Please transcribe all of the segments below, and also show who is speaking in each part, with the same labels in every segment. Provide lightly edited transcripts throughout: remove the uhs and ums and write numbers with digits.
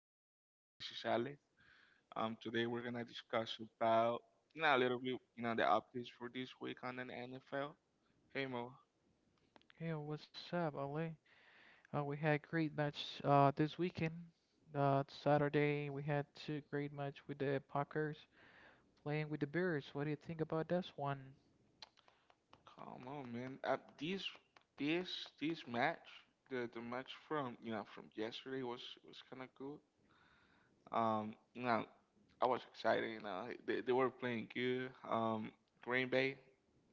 Speaker 1: with Mo. This is Ale. Today we're gonna discuss about a little bit the updates for this week on the NFL. Hey, Mo.
Speaker 2: Hey, what's up, Ole? We had great match this weekend. Saturday we had two great match with the Packers playing with the Bears. What do you think about this one?
Speaker 1: Come on, man. This this match, the match from from yesterday was kind of good. Um, you know, I was excited. Like, they were playing good. Green Bay,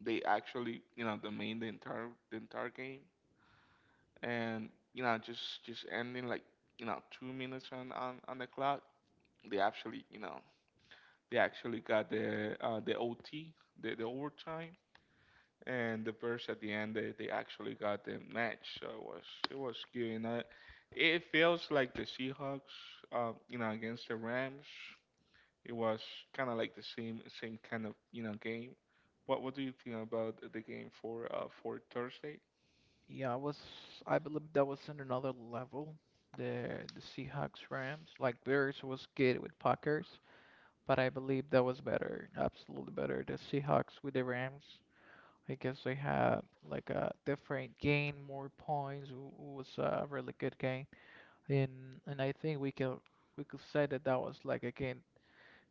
Speaker 1: they actually domained the entire game. And just ending, like, 2 minutes on on the clock, they actually got the ot the overtime, and the Bears at the end, they actually got the match. So it was good. It feels like the Seahawks, against the Rams, it was kind of like the same kind of game. What do you think about the game for thursday
Speaker 2: Yeah, I believe that was in another level. The Seahawks Rams like Bears was good with Packers, but I believe that was better, absolutely better. The Seahawks with the Rams. I guess they had like a different game, more points. It was a really good game. And I think we could say that was like again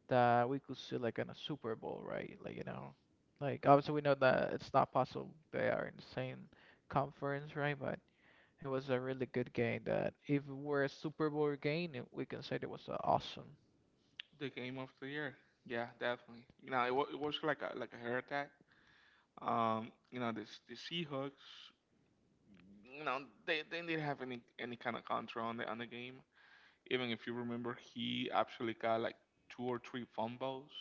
Speaker 2: that we could see like in a Super Bowl, right? Like, you know, like obviously we know that it's not possible they are in the same conference, right? But it was a really good game that if it were a Super Bowl game, we can say it was awesome.
Speaker 1: The game of the year. Yeah, definitely. It was like a heart attack. The Seahawks. You know, they didn't have any kind of control on the game. Even if you remember, he actually got like two or three fumbles.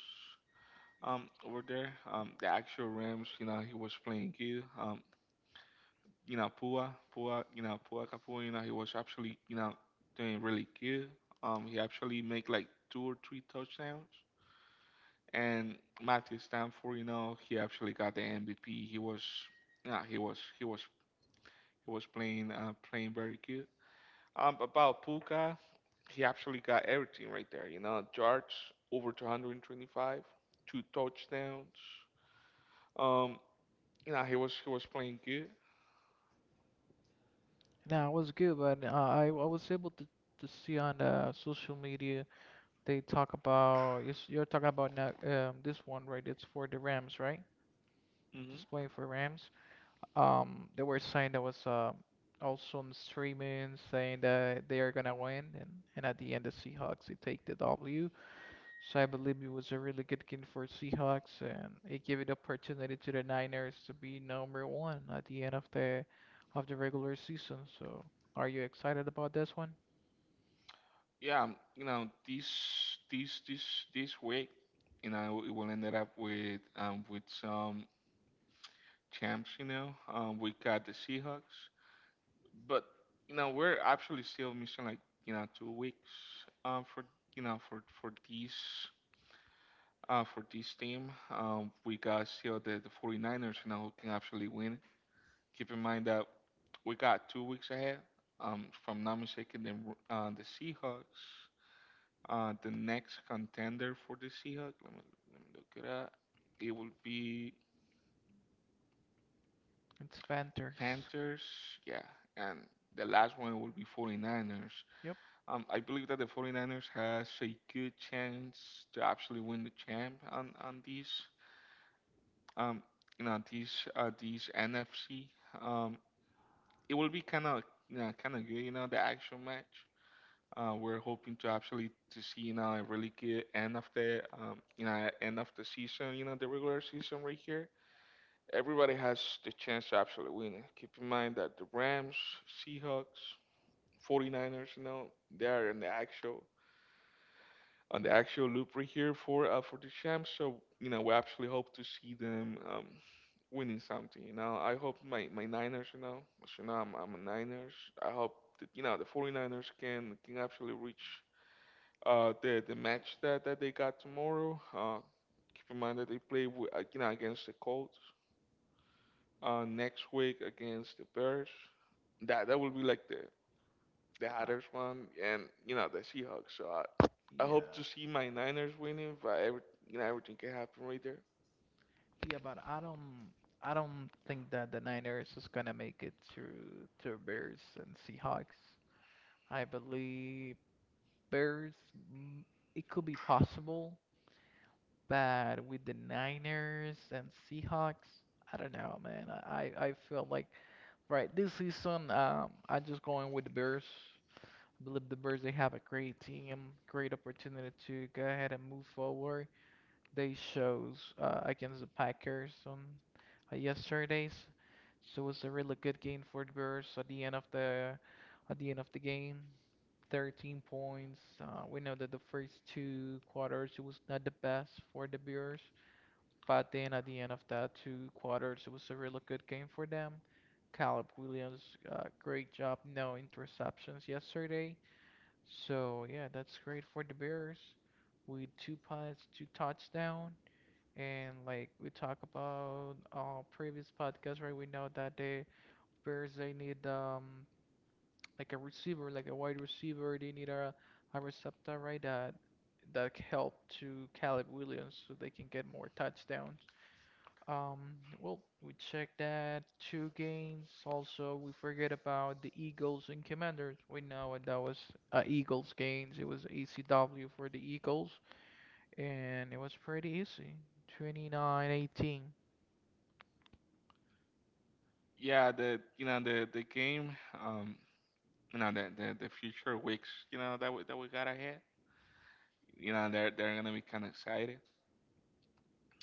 Speaker 1: Over there. The actual Rams. He was playing good. You know, Pua, Pua Kapua. He was actually doing really good. He actually made like two or three touchdowns. And Matthew Stanford, he actually got the MVP. Yeah, he was playing, playing very good. About Puka, he actually got everything right there. Yards over 225, two touchdowns. Um, he was playing good.
Speaker 2: Now it was good, but I was able to see on social media they talk about you're talking about now this one, right? It's for the Rams, right?
Speaker 1: Hmm.
Speaker 2: Just playing for Rams. They were saying that was also on streaming, saying that they are gonna win, and at the end the Seahawks, they take the W. So I believe it was a really good game for Seahawks, and it gave it opportunity to the Niners to be number one at the end of the regular season. So are you excited about this one?
Speaker 1: Yeah, this this this week, it will end up with some champs. We got the Seahawks. But we're actually still missing, like, 2 weeks for for these for this team. We got still the 49ers, who can actually win. Keep in mind that we got 2 weeks ahead. If I'm not mistaken, the Seahawks, the next contender for the Seahawks, let me look it up, it will be
Speaker 2: It's Panthers.
Speaker 1: Panthers. Yeah, and the last one will be 49ers.
Speaker 2: Yep.
Speaker 1: I believe that the 49ers has a good chance to actually win the champ on these um these NFC. Um, it will be kind of, kind of good, the actual match. We're hoping to actually to see a really good end of the end of the season, the regular season right here. Everybody has the chance to actually win it. Keep in mind that the Rams, Seahawks, 49ers, they are in the actual. On the actual loop right here for the champs. So, we actually hope to see them winning something. I hope my Niners. As you know, I'm a Niners. I hope that the 49ers can actually reach, the match that they got tomorrow. Keep in mind that they play against the Colts, next week against the Bears. That will be like the
Speaker 2: Uh,
Speaker 1: Hatters won, and the Seahawks. So I hope to
Speaker 2: yeah.
Speaker 1: see my Niners winning, but everything can happen right there.
Speaker 2: Yeah, but I don't think that the Niners is gonna make it through to Bears and Seahawks. I believe Bears. It could be possible, but with the Niners and Seahawks, I don't know, man. I feel like right this season, I'm just going with the Bears. I believe the Bears, they have a great team, great opportunity to go ahead and move forward. They shows against the Packers on yesterday's, so it's a really good game for the Bears at the end of the game. 13 points. We know that the first two quarters it was not the best for the Bears, but then at the end of that two quarters it was a really good game for them. Caleb Williams, great job, no interceptions yesterday. So yeah, that's great for the Bears. With two punts, two touchdown, and like we talked about our previous podcast, right? We know that the Bears they need like a receiver, like a wide receiver. They need a receptor, right? That can help to Caleb Williams so they can get more touchdowns. Well, we checked that two games. Also, we forget about the Eagles and Commanders. We know what that was Eagles games. It was ECW for the Eagles, and it was pretty easy. 29-18.
Speaker 1: Yeah, the the game, um, the future weeks, that we got ahead. They're gonna be kind of excited.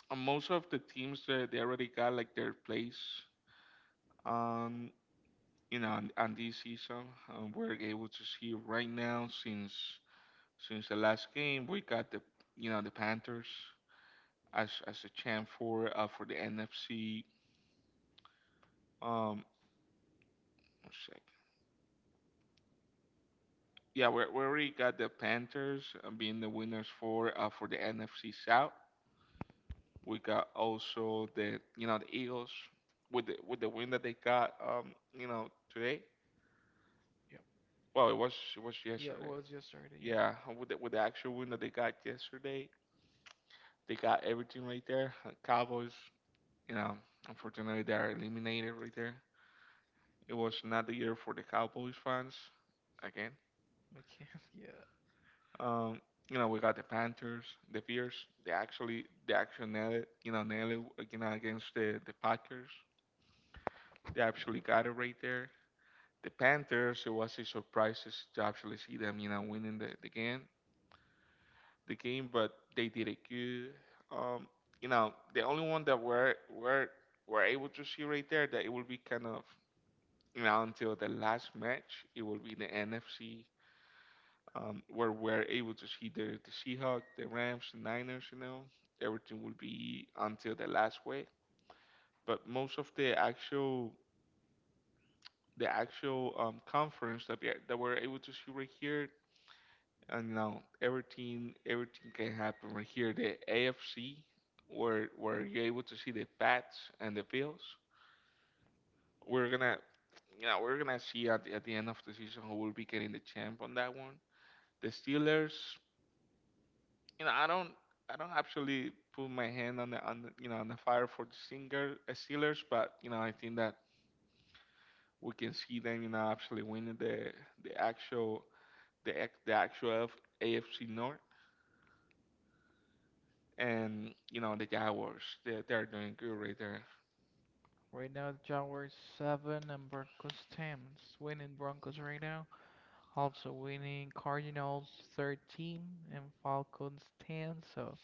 Speaker 1: And most of the teams, they already got like their place on on this season. We're able to see right now since the last game, we got the you know the Panthers as a champ for the NFC. Um, One sec. Yeah, we already got the Panthers, being the winners for the NFC South. We got also the you know the Eagles with the win that they got today.
Speaker 2: Yeah,
Speaker 1: Well, it was
Speaker 2: yeah, it
Speaker 1: yesterday.
Speaker 2: was yesterday. Yeah.
Speaker 1: Yeah, with the actual win that they got yesterday, they got everything right there. Cowboys, you know, unfortunately they are eliminated right there. It was not the year for the Cowboys fans again.
Speaker 2: I can't. Yeah.
Speaker 1: Um, we got the Panthers, the Bears. They actually nailed it. Nailed it. Against the Packers. They actually got it right there. The Panthers. It was a surprise to actually see them. Winning the game. The game, but they did it good. Um, the only one that we're able to see right there that it will be kind of until the last match. It will be the NFC, where we're able to see the Seahawks, the Rams, the Niners. Everything will be until the last week. But most of the actual conference that that we're able to see right here, and everything can happen right here. The AFC, where you're able to see the Pats and the Bills, we're gonna we're gonna see at the end of the season who will be getting the champ on that one. The Steelers. I don't actually put my hand on on the fire for the singer, Steelers. But I think that we can see them actually winning the actual the ac- the actual F- AFC North. And the Jaguars, they're doing good right there.
Speaker 2: Right now, the Jaguars 7 and Broncos 10. Winning Broncos right now. Also winning Cardinals 13 and Falcons 10. So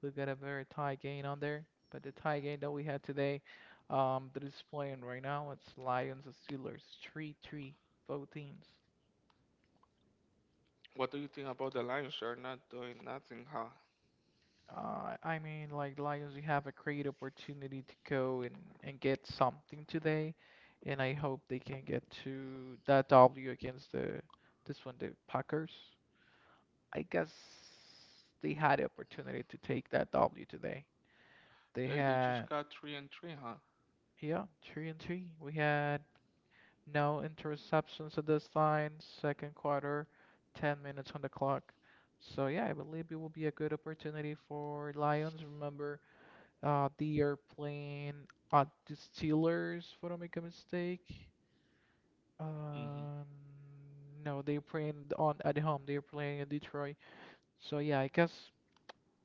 Speaker 2: we got a very tight game on there. But the tie game that we had today, that is playing right now, it's Lions and Steelers 3-3, both teams.
Speaker 1: What do you think about the Lions? They're not doing nothing, huh?
Speaker 2: Like Lions, you have a great opportunity to go and get something today, and I hope they can get to that W against the this one, the Packers. I guess they had the opportunity to take that W today. They
Speaker 1: Hey, they just
Speaker 2: had,
Speaker 1: got 3-3, huh?
Speaker 2: yeah, three and three. We had no interceptions at this time, second quarter, 10 minutes on the clock. So yeah, I believe it will be a good opportunity for Lions. Remember. They are playing at the Steelers, if I don't make a mistake.
Speaker 1: Mm-hmm.
Speaker 2: Uh, no, they're playing on at home. They're playing in Detroit. So yeah, I guess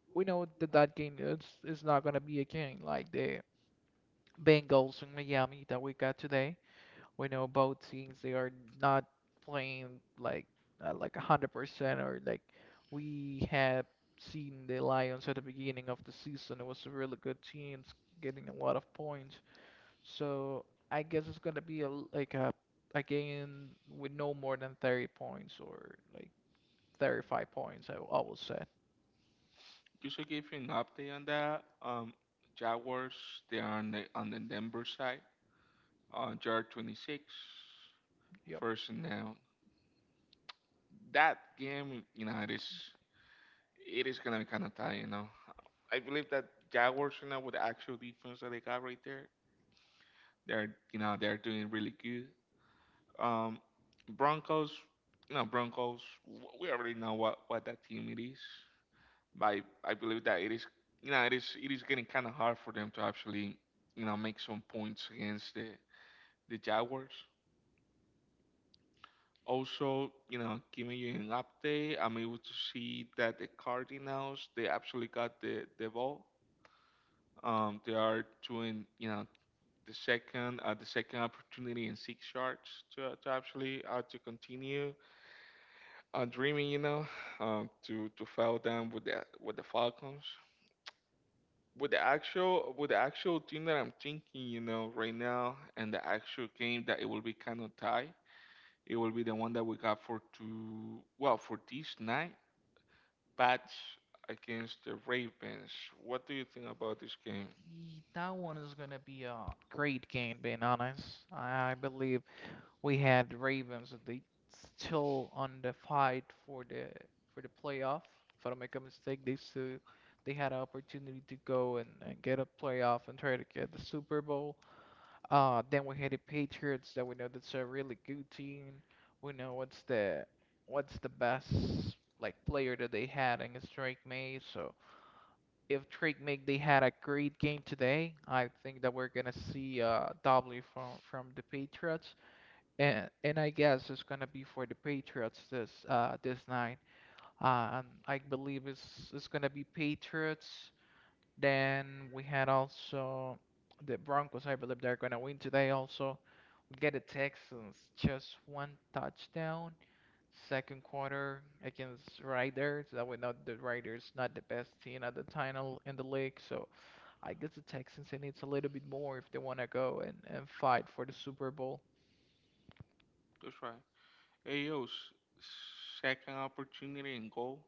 Speaker 2: we know that that game is not gonna be a game like the Bengals in Miami that we got today. We know both teams, they are not playing like at like 100% or like we had seen the Lions at the beginning of the season. It was a really good team, it's getting a lot of points. So I guess it's gonna be like a game with no more than 30 points or like 35 points, I would say.
Speaker 1: Just to give you an update on that, Jaguars, they are on the Denver side. They are 26.
Speaker 2: Yep.
Speaker 1: First and down. That game, it is gonna be kind of tight. I believe that Jaguars, with the actual defense that they got right there, they're they're doing really good. Um, Broncos, Broncos, we already know what that team it is. But I believe that it is it is getting kind of hard for them to actually make some points against the Jaguars. Also, giving you an update, I'm able to see that the Cardinals, they actually got the ball. They are doing the second opportunity and 6 yards to actually, to continue, dreaming, to foul them with the Falcons. With the actual team that I'm thinking, right now, and the actual game that it will be kind of tight. It will be the one that we got well, for this night. Bats against the Ravens. What do you think about this game?
Speaker 2: That one is gonna be a great game, being honest. I believe we had Ravens and they still on the fight for the playoff. If I don't make a mistake, they had an opportunity to go and get a playoff and try to get the Super Bowl. Then we had the Patriots that we know that's a really good team. We know what's the best like player that they had in Drake May. So if Drake May they had a great game today, I think that we're gonna see W from the Patriots. And I guess it's gonna be for the Patriots this this night. And I believe it's gonna be Patriots. Then we had also the Broncos. I believe they're gonna win today also. We get the Texans just one touchdown second quarter against Riders. That we know the Riders not the best team at the time in the league. So I guess the Texans they needs a little bit more if they wanna go and fight for the Super Bowl.
Speaker 1: That's right. AO's second opportunity and goal.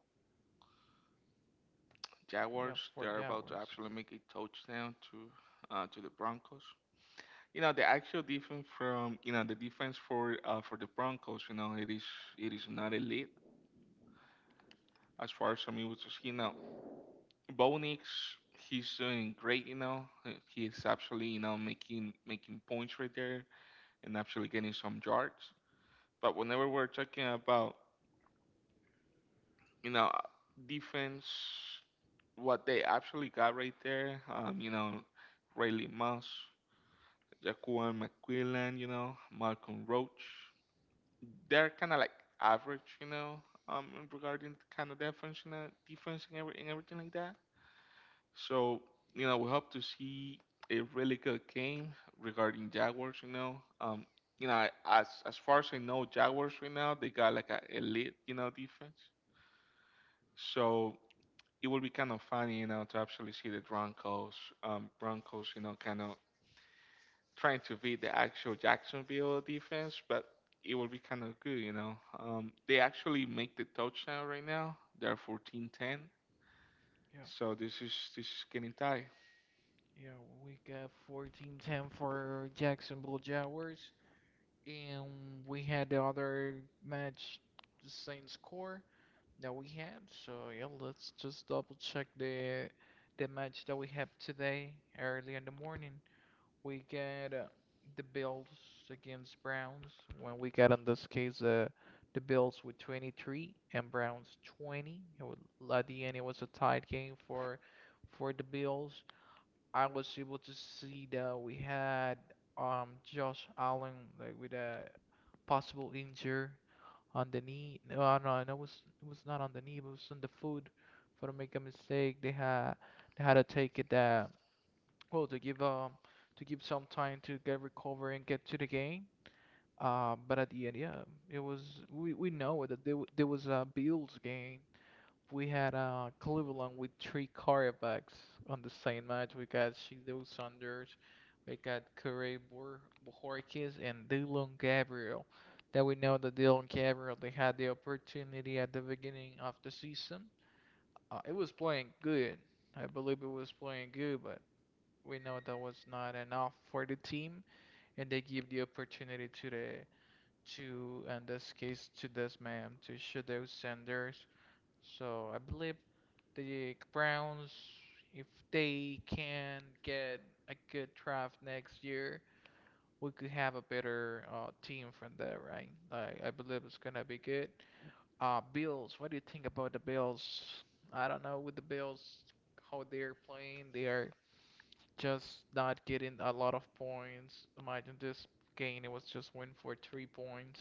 Speaker 2: Yeah,
Speaker 1: Jaguars,
Speaker 2: for
Speaker 1: they're about to
Speaker 2: Jaguars.
Speaker 1: actually make a touchdown to the Broncos. The actual defense from the defense for the Broncos, it is not elite as far as I'm able to see now. Bo Nix, he's doing great. He is actually, making points right there and actually getting some yards. But whenever we're talking about, you know, defense, what they actually got right there, Rayleigh Moss, Jaquan McQuillan, Malcolm Roach, they're kind of like average, in regarding kind of defense, defense and, and everything like that. So, we hope to see a really good game regarding Jaguars. As far as I know, Jaguars right now, they got like an elite, defense. So it will be kind of funny, to actually see the Broncos, Broncos, kind of trying to beat the actual Jacksonville defense, but it will be kind of good. They actually make the touchdown right now. They're 14-10.
Speaker 2: Yeah.
Speaker 1: So this is getting tight.
Speaker 2: Yeah, we got 14-10 for Jacksonville Jaguars. And we had the other match, the same score that we had. So yeah, let's just double check the match that we have today early in the morning. We got the Bills against Browns. When we got in this case, the Bills with 23 and Browns 20. It was, at the end, it was a tight game for the Bills. I was able to see that we had Josh Allen like with a possible injury on the knee. No, no, it was not on the knee, but it was on the foot. For to make a mistake, they had to take it that well to give some time to get recover and get to the game. But at the end, yeah, it was, we know that there, there was a Bills game. We had Cleveland with three quarterbacks on the same match. We got Shido Saunders, we got Bohorquez, and Dylan Gabriel. That we know that Dylan Gabriel, they had the opportunity at the beginning of the season. It was playing good. I believe it was playing good, but we know that was not enough for the team, and they give the opportunity to the to in this case to this man, to Shadow Sanders. So I believe the Browns, if they can get a good draft next year, we could have a better team from there, right? Like, I believe it's gonna be good. Bills, what do you think about the Bills? I don't know with the Bills, how they're playing. They are just not getting a lot of points. Imagine this game, it was just win for 3 points.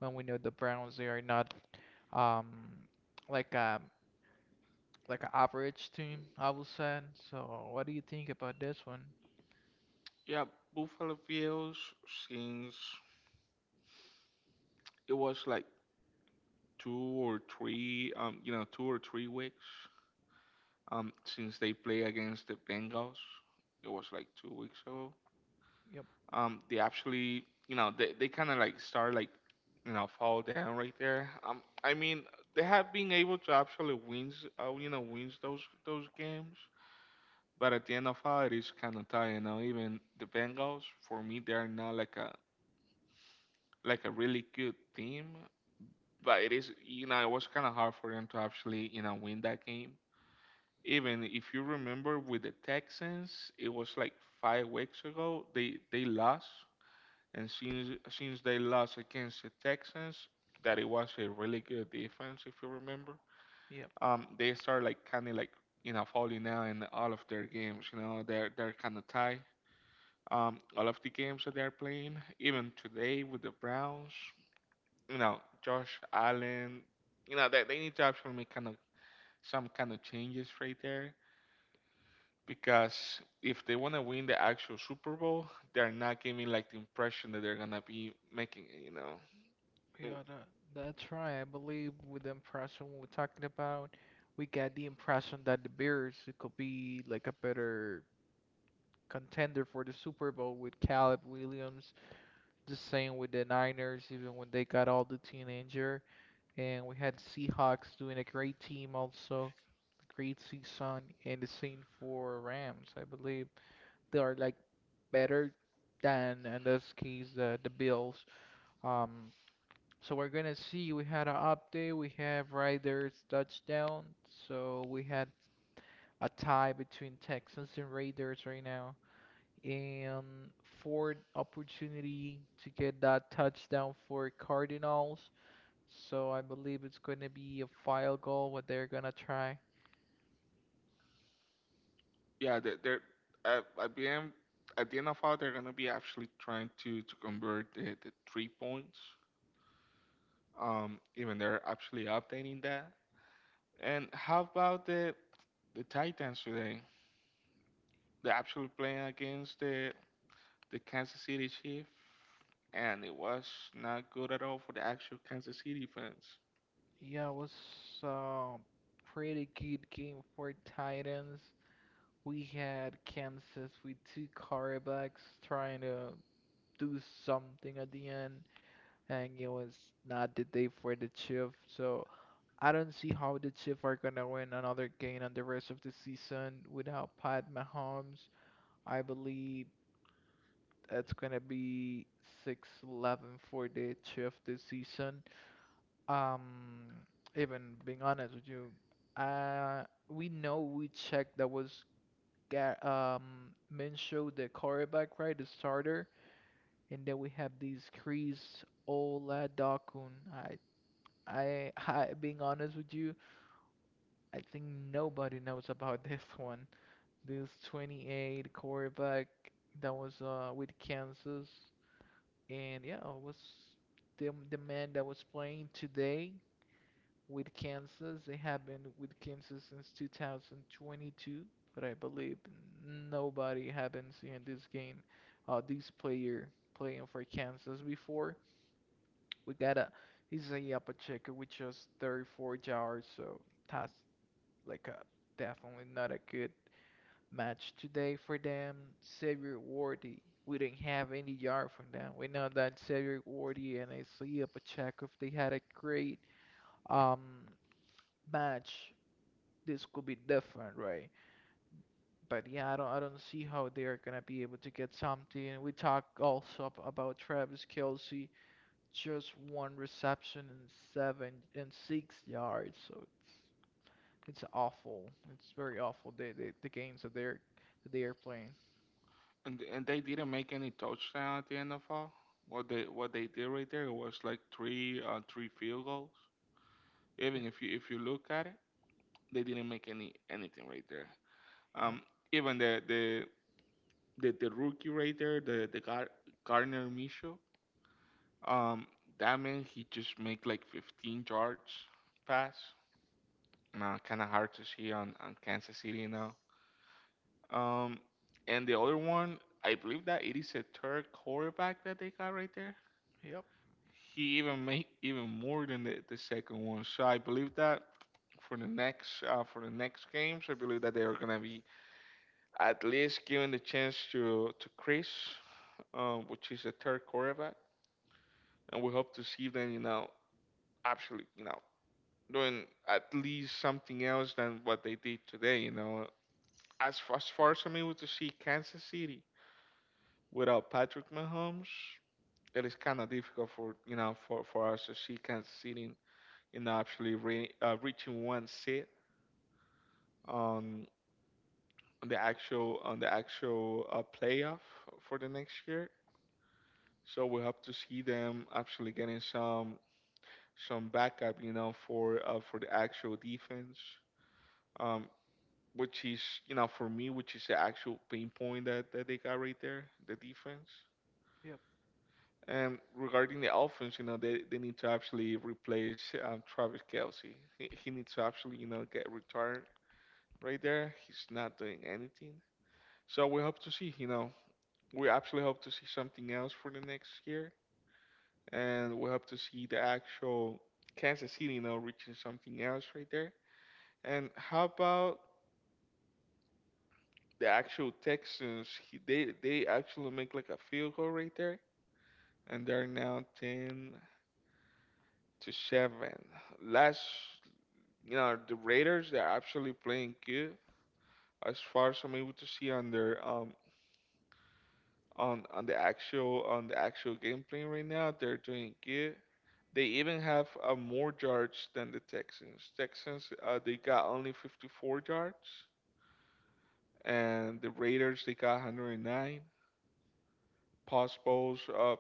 Speaker 2: When we know the Browns, they are not um like like an average team, I would say. So, what do you think about this one?
Speaker 1: Yeah, Buffalo Bills, since it was like two or three, 2 or 3 weeks, since they play against the Bengals. It was like 2 weeks ago.
Speaker 2: Yep,
Speaker 1: They actually they kind of like start like fall down right there. I mean they have been able to actually win wins those games, but at the end of all it is kind of tight, you know. Even the Bengals, for me, they're not like a really good team, but it is, you know, it was kind of hard for them to actually, you know, win that game. Even if you remember with the Texans, it was like 5 weeks ago they lost. And since they lost against the Texans, that it was a really good defense, if you remember.
Speaker 2: yep,
Speaker 1: They started like kind of like, you know, falling down in all of their games. You know, they're kind of tied. All of the games that they're playing, even today with the Browns, you know, Josh Allen, you know, they need to actually make kind of some kind of changes right there, because if they want to win the actual Super Bowl, they're not giving like the impression that they're gonna be making it, you know.
Speaker 2: yeah, that's right. I believe with the impression we're talking about, we got the impression that the Bears, it could be like a better contender for the Super Bowl with Caleb Williams. The same with the Niners, even when they got all the teenager, and we had Seahawks doing a great team also, great season, and the same for Rams, I believe. They are like better than in this case the Bills. Um, so we're gonna see. We had an update. We have Raiders touchdown. So we had a tie between Texans and Raiders right now. And Ford opportunity to get that touchdown for Cardinals. So I believe it's gonna be a field goal what they're gonna try.
Speaker 1: Yeah, they're at the end, of all, they're gonna be actually trying to convert the 3 points. Even they're actually updating that. And how about the Titans today? They actually playing against the Kansas City Chiefs, and it was not good at all for the actual Kansas City fans.
Speaker 2: Yeah, it was uh, pretty good game for Titans. We had Kansas with two quarterbacks trying to do something at the end, and it was not the day for the Chiefs. So I don't see how the Chiefs are gonna win another game on the rest of the season without Pat Mahomes. I believe it's gonna be six, 11 for the Chiefs this season. Um, Even being honest with you, uh, we know we checked that was Minshew, the quarterback, right, the starter, and then we have these Chris Oladokun. I, being honest with you, I think nobody knows about this one. This 28 quarterback that was with Kansas, and yeah, it was the man that was playing today with Kansas. They have been with Kansas since 2022, but I believe nobody have been seeing this game, this player playing for Kansas before. We got a Isaiah Pacheco with just 34 yards, so that's like a definitely not a good match today for them. Xavier Worthy, we didn't have any yard from them. We know that Xavier Worthy and Isaiah Pacheco, if they had a great um, match, this could be different, right? But yeah, I don't see how they are gonna be able to get something. And we talk also about Travis Kelce, just one reception and 7 and 6 yards, so it's awful. It's very awful the games that they are playing.
Speaker 1: And they didn't make any touchdown at the end of all. What they did right there was like three field goals.
Speaker 2: Yeah,
Speaker 1: Even if you look at it, they didn't make anything right there.
Speaker 2: yep,
Speaker 1: Um, Even the rookie right there, the Gardner Micho, um, that man he just make like 15 yards pass. Nah, kind of hard to see on Kansas City now. Um, and the other one, I believe that it is a third quarterback that they got right there.
Speaker 2: yep,
Speaker 1: He even made even more than the second one. So I believe that for the next games, I believe that they are gonna be at least giving the chance to Chris, which is the third quarterback, and we hope to see them, you know, absolutely, you know, doing at least something else than what they did today. You know, as far as I'm able to see, Kansas City without Patrick Mahomes, it is kind of difficult for, you know, for us to see Kansas City in actually reaching one seat on the actual playoff for the next year. So we hope to see them actually getting some backup, you know, for the actual defense, um, which is, you know, for me, which is the actual pain point that they got right there, the defense.
Speaker 2: yep,
Speaker 1: And regarding the offense, you know, they need to actually replace Travis Kelsey. He needs to actually, you know, get retired right there. He's not doing anything. So we hope to see, you know, we actually hope to see something else for the next year, and we have to see the actual Kansas City now reaching something else right there. And how about the actual Texans? They actually make like a field goal right there, and they're now 10-7. Last, you know, the Raiders they're actually playing good as far as I'm able to see on their on on the actual game playing right now. They're doing good. They even have more yards than the Texans. Texans, they got only 54 yards, and the Raiders they got 109. Possibles,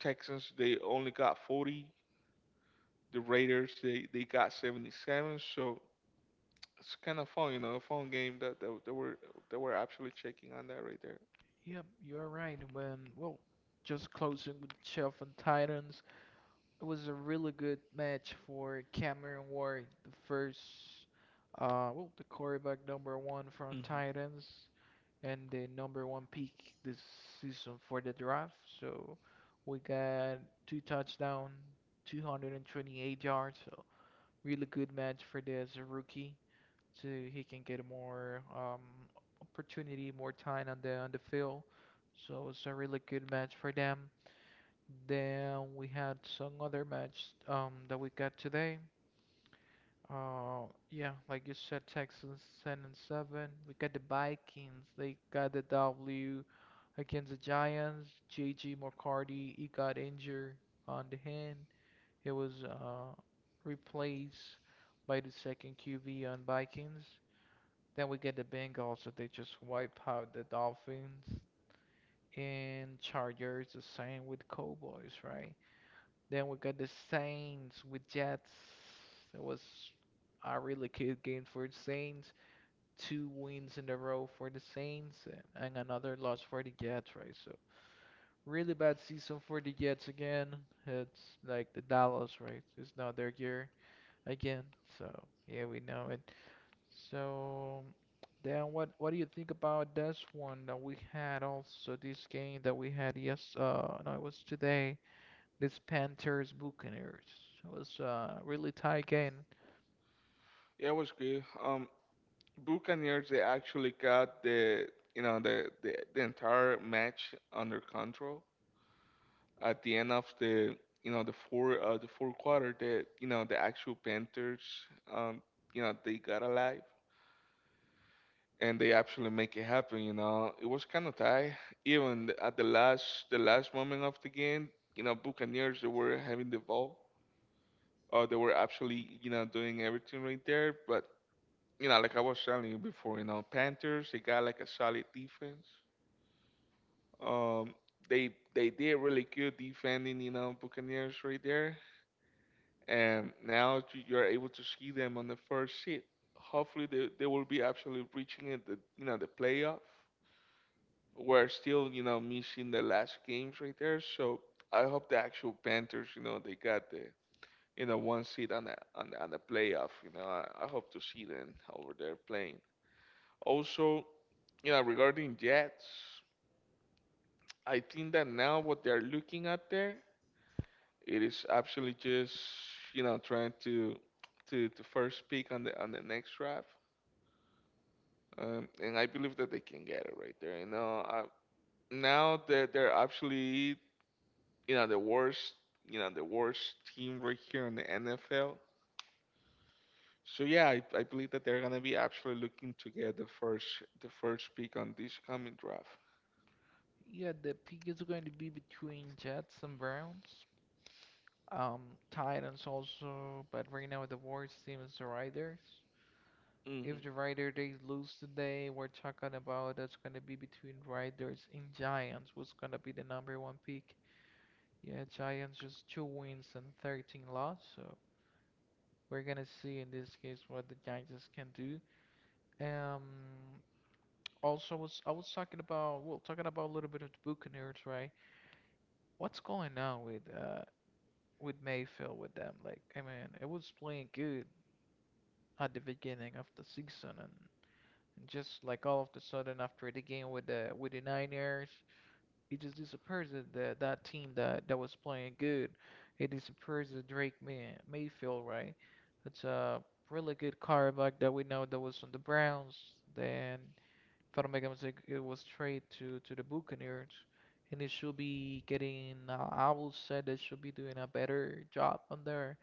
Speaker 1: Texans they only got 40. The Raiders they got 77. So it's kind of fun, you know, a fun game that that we're actually checking on that right there.
Speaker 2: yep. You're right. When well, just closing with Chief and Titans. It was a really good match for Cameron Ward, the quarterback number one from
Speaker 1: Hmm,
Speaker 2: Titans and the number one pick this season for the draft. So we got two touchdowns, 228 yards. So really good match for this rookie, so he can get more opportunity, more time on the field. So it's a really good match for them. Then we had some other match that we got today. Uh, yeah, like you said, Texans 10-7. We got the Vikings. They got the W against the Giants. JG McCarty, he got injured on the hand. He was replaced by the second QB on Vikings. Then we get the Bengals that they just wipe out the Dolphins, and Chargers the same with Cowboys, right? Then we got the Saints with Jets. It was a really good game for the Saints. Two wins in a row for the Saints, and another loss for the Jets, right? So really bad season for the Jets again. It's like the Dallas, right? It's not their year again. So yeah, we know it. So then what do you think about this one that we had also, this game that we had, yes, no, it was today, this Panthers Buccaneers was a really tight game.
Speaker 1: yeah, it was good. Buccaneers they actually got the, you know, the, the entire match under control at the end of the, you know, the fourth quarter. The, you know, the actual Panthers, um you know, they got alive, and they actually make it happen, you know. It was kind of tight even at the last, the last moment of the game, you know. Buccaneers they were having the ball, they were actually, you know, doing everything right there, but, you know, like I was telling you before, you know, Panthers, they got like a solid defense. Um, they did really good defending, you know, Buccaneers right there, and now you're able to see them on the first seed. Hopefully, they will be actually reaching it, the, you know, the playoff. We're still, you know, missing the last games right there, so I hope the actual Panthers, you know, they got the, you know, one seed on the playoff. You know, I hope to see them over there playing. Also, you know, regarding Jets, I think that now what they're looking at there, it is actually just, you know, trying to first pick on the next draft, and I believe that they can get it right there. You know, I, now that they're actually, you know, the worst team right here in the NFL. So yeah, I believe that they're gonna be actually looking to get the first pick on this coming draft.
Speaker 2: Yeah, the pick is going to be between Jets and Browns. Um, Titans also, but right now the worst team is the Riders. If
Speaker 1: Hmm,
Speaker 2: the Rider, they lose today, we're talking about that's gonna be between Riders and Giants, who's gonna be the number one pick. Yeah, Giants just two wins and 13 loss, so we're gonna see in this case what the Giants can do. Um, Also, I was talking about well, talking about a little bit of the Buccaneers, right? What's going on with Mayfield with them? Like, I mean, it was playing good at the beginning of the season, and just like all of the sudden after the game with the Niners, he just disappears. That team that was playing good, it disappears. The Drake Mayfield, right? It's a really good quarterback that we know that was on the Browns. Then if I don't make, it was traded to the Buccaneers, and it should be getting. I will say they should be doing a better job on there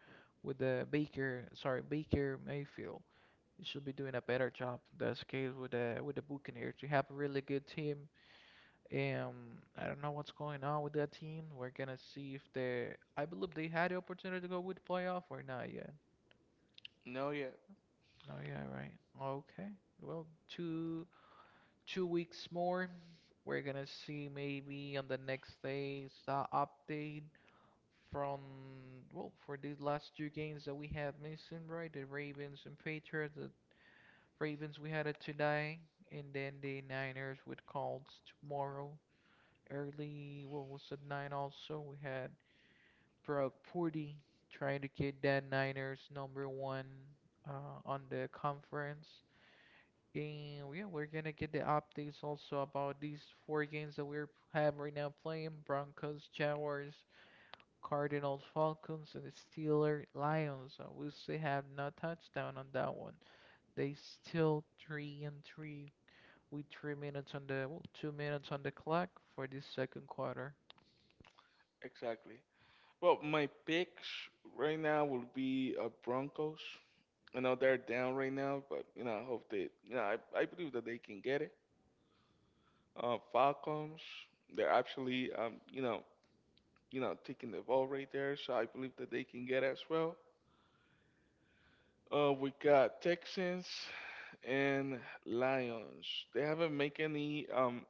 Speaker 2: with the Baker. Sorry, Baker Mayfield. He should be doing a better job in this case with the Buccaneers. We have a really good team. I don't know what's going on with that team. We're gonna see if they. I believe they had the opportunity to go with playoff or not yet.
Speaker 1: no, yeah,
Speaker 2: No, yeah, right. Okay. Well, two weeks more. We're gonna see maybe on the next day's update from, for these last two games that we had missing, right? The Ravens and Patriots. The Ravens we had it today, and then the Niners with Colts tomorrow. Early, what was it, nine also? We had Brock Purdy trying to get that Niners number one on the conference. And yeah, we're gonna get the updates also about these four games that we are have right now playing: Broncos, Jaguars, Cardinals, Falcons, and the Steelers, Lions. We still have no touchdown on that one. They still three and three with 3 minutes 2 minutes on the clock for this second quarter.
Speaker 1: exactly. Well, my picks right now will be Broncos. I know they're down right now, but, you know, I hope they, you know, I believe that they can get it. Falcons, they're actually, you know, taking the ball right there, so I believe that they can get as well. We got Texans and Lions. They haven't make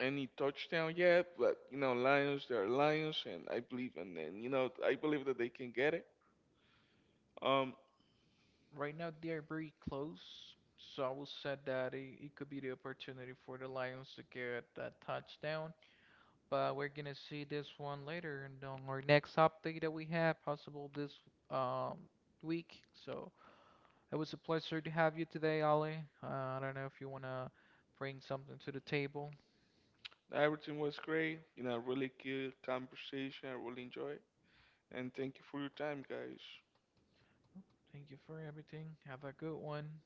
Speaker 1: any touchdown yet, but, you know, Lions, they're Lions, and I believe in them. You know, I believe that they can get it. Um,
Speaker 2: Right now they are very close, so I will say that it could be the opportunity for the Lions to get that touchdown, but we're gonna see this one later and on our next update that we have possible this um week. So it was a pleasure to have you today, Ali. I don't know if you wanna bring something to the table.
Speaker 1: Everything was great. You know, really good conversation. I really enjoy it. And thank you for your time, guys.
Speaker 2: Thank you for everything. Have a good one.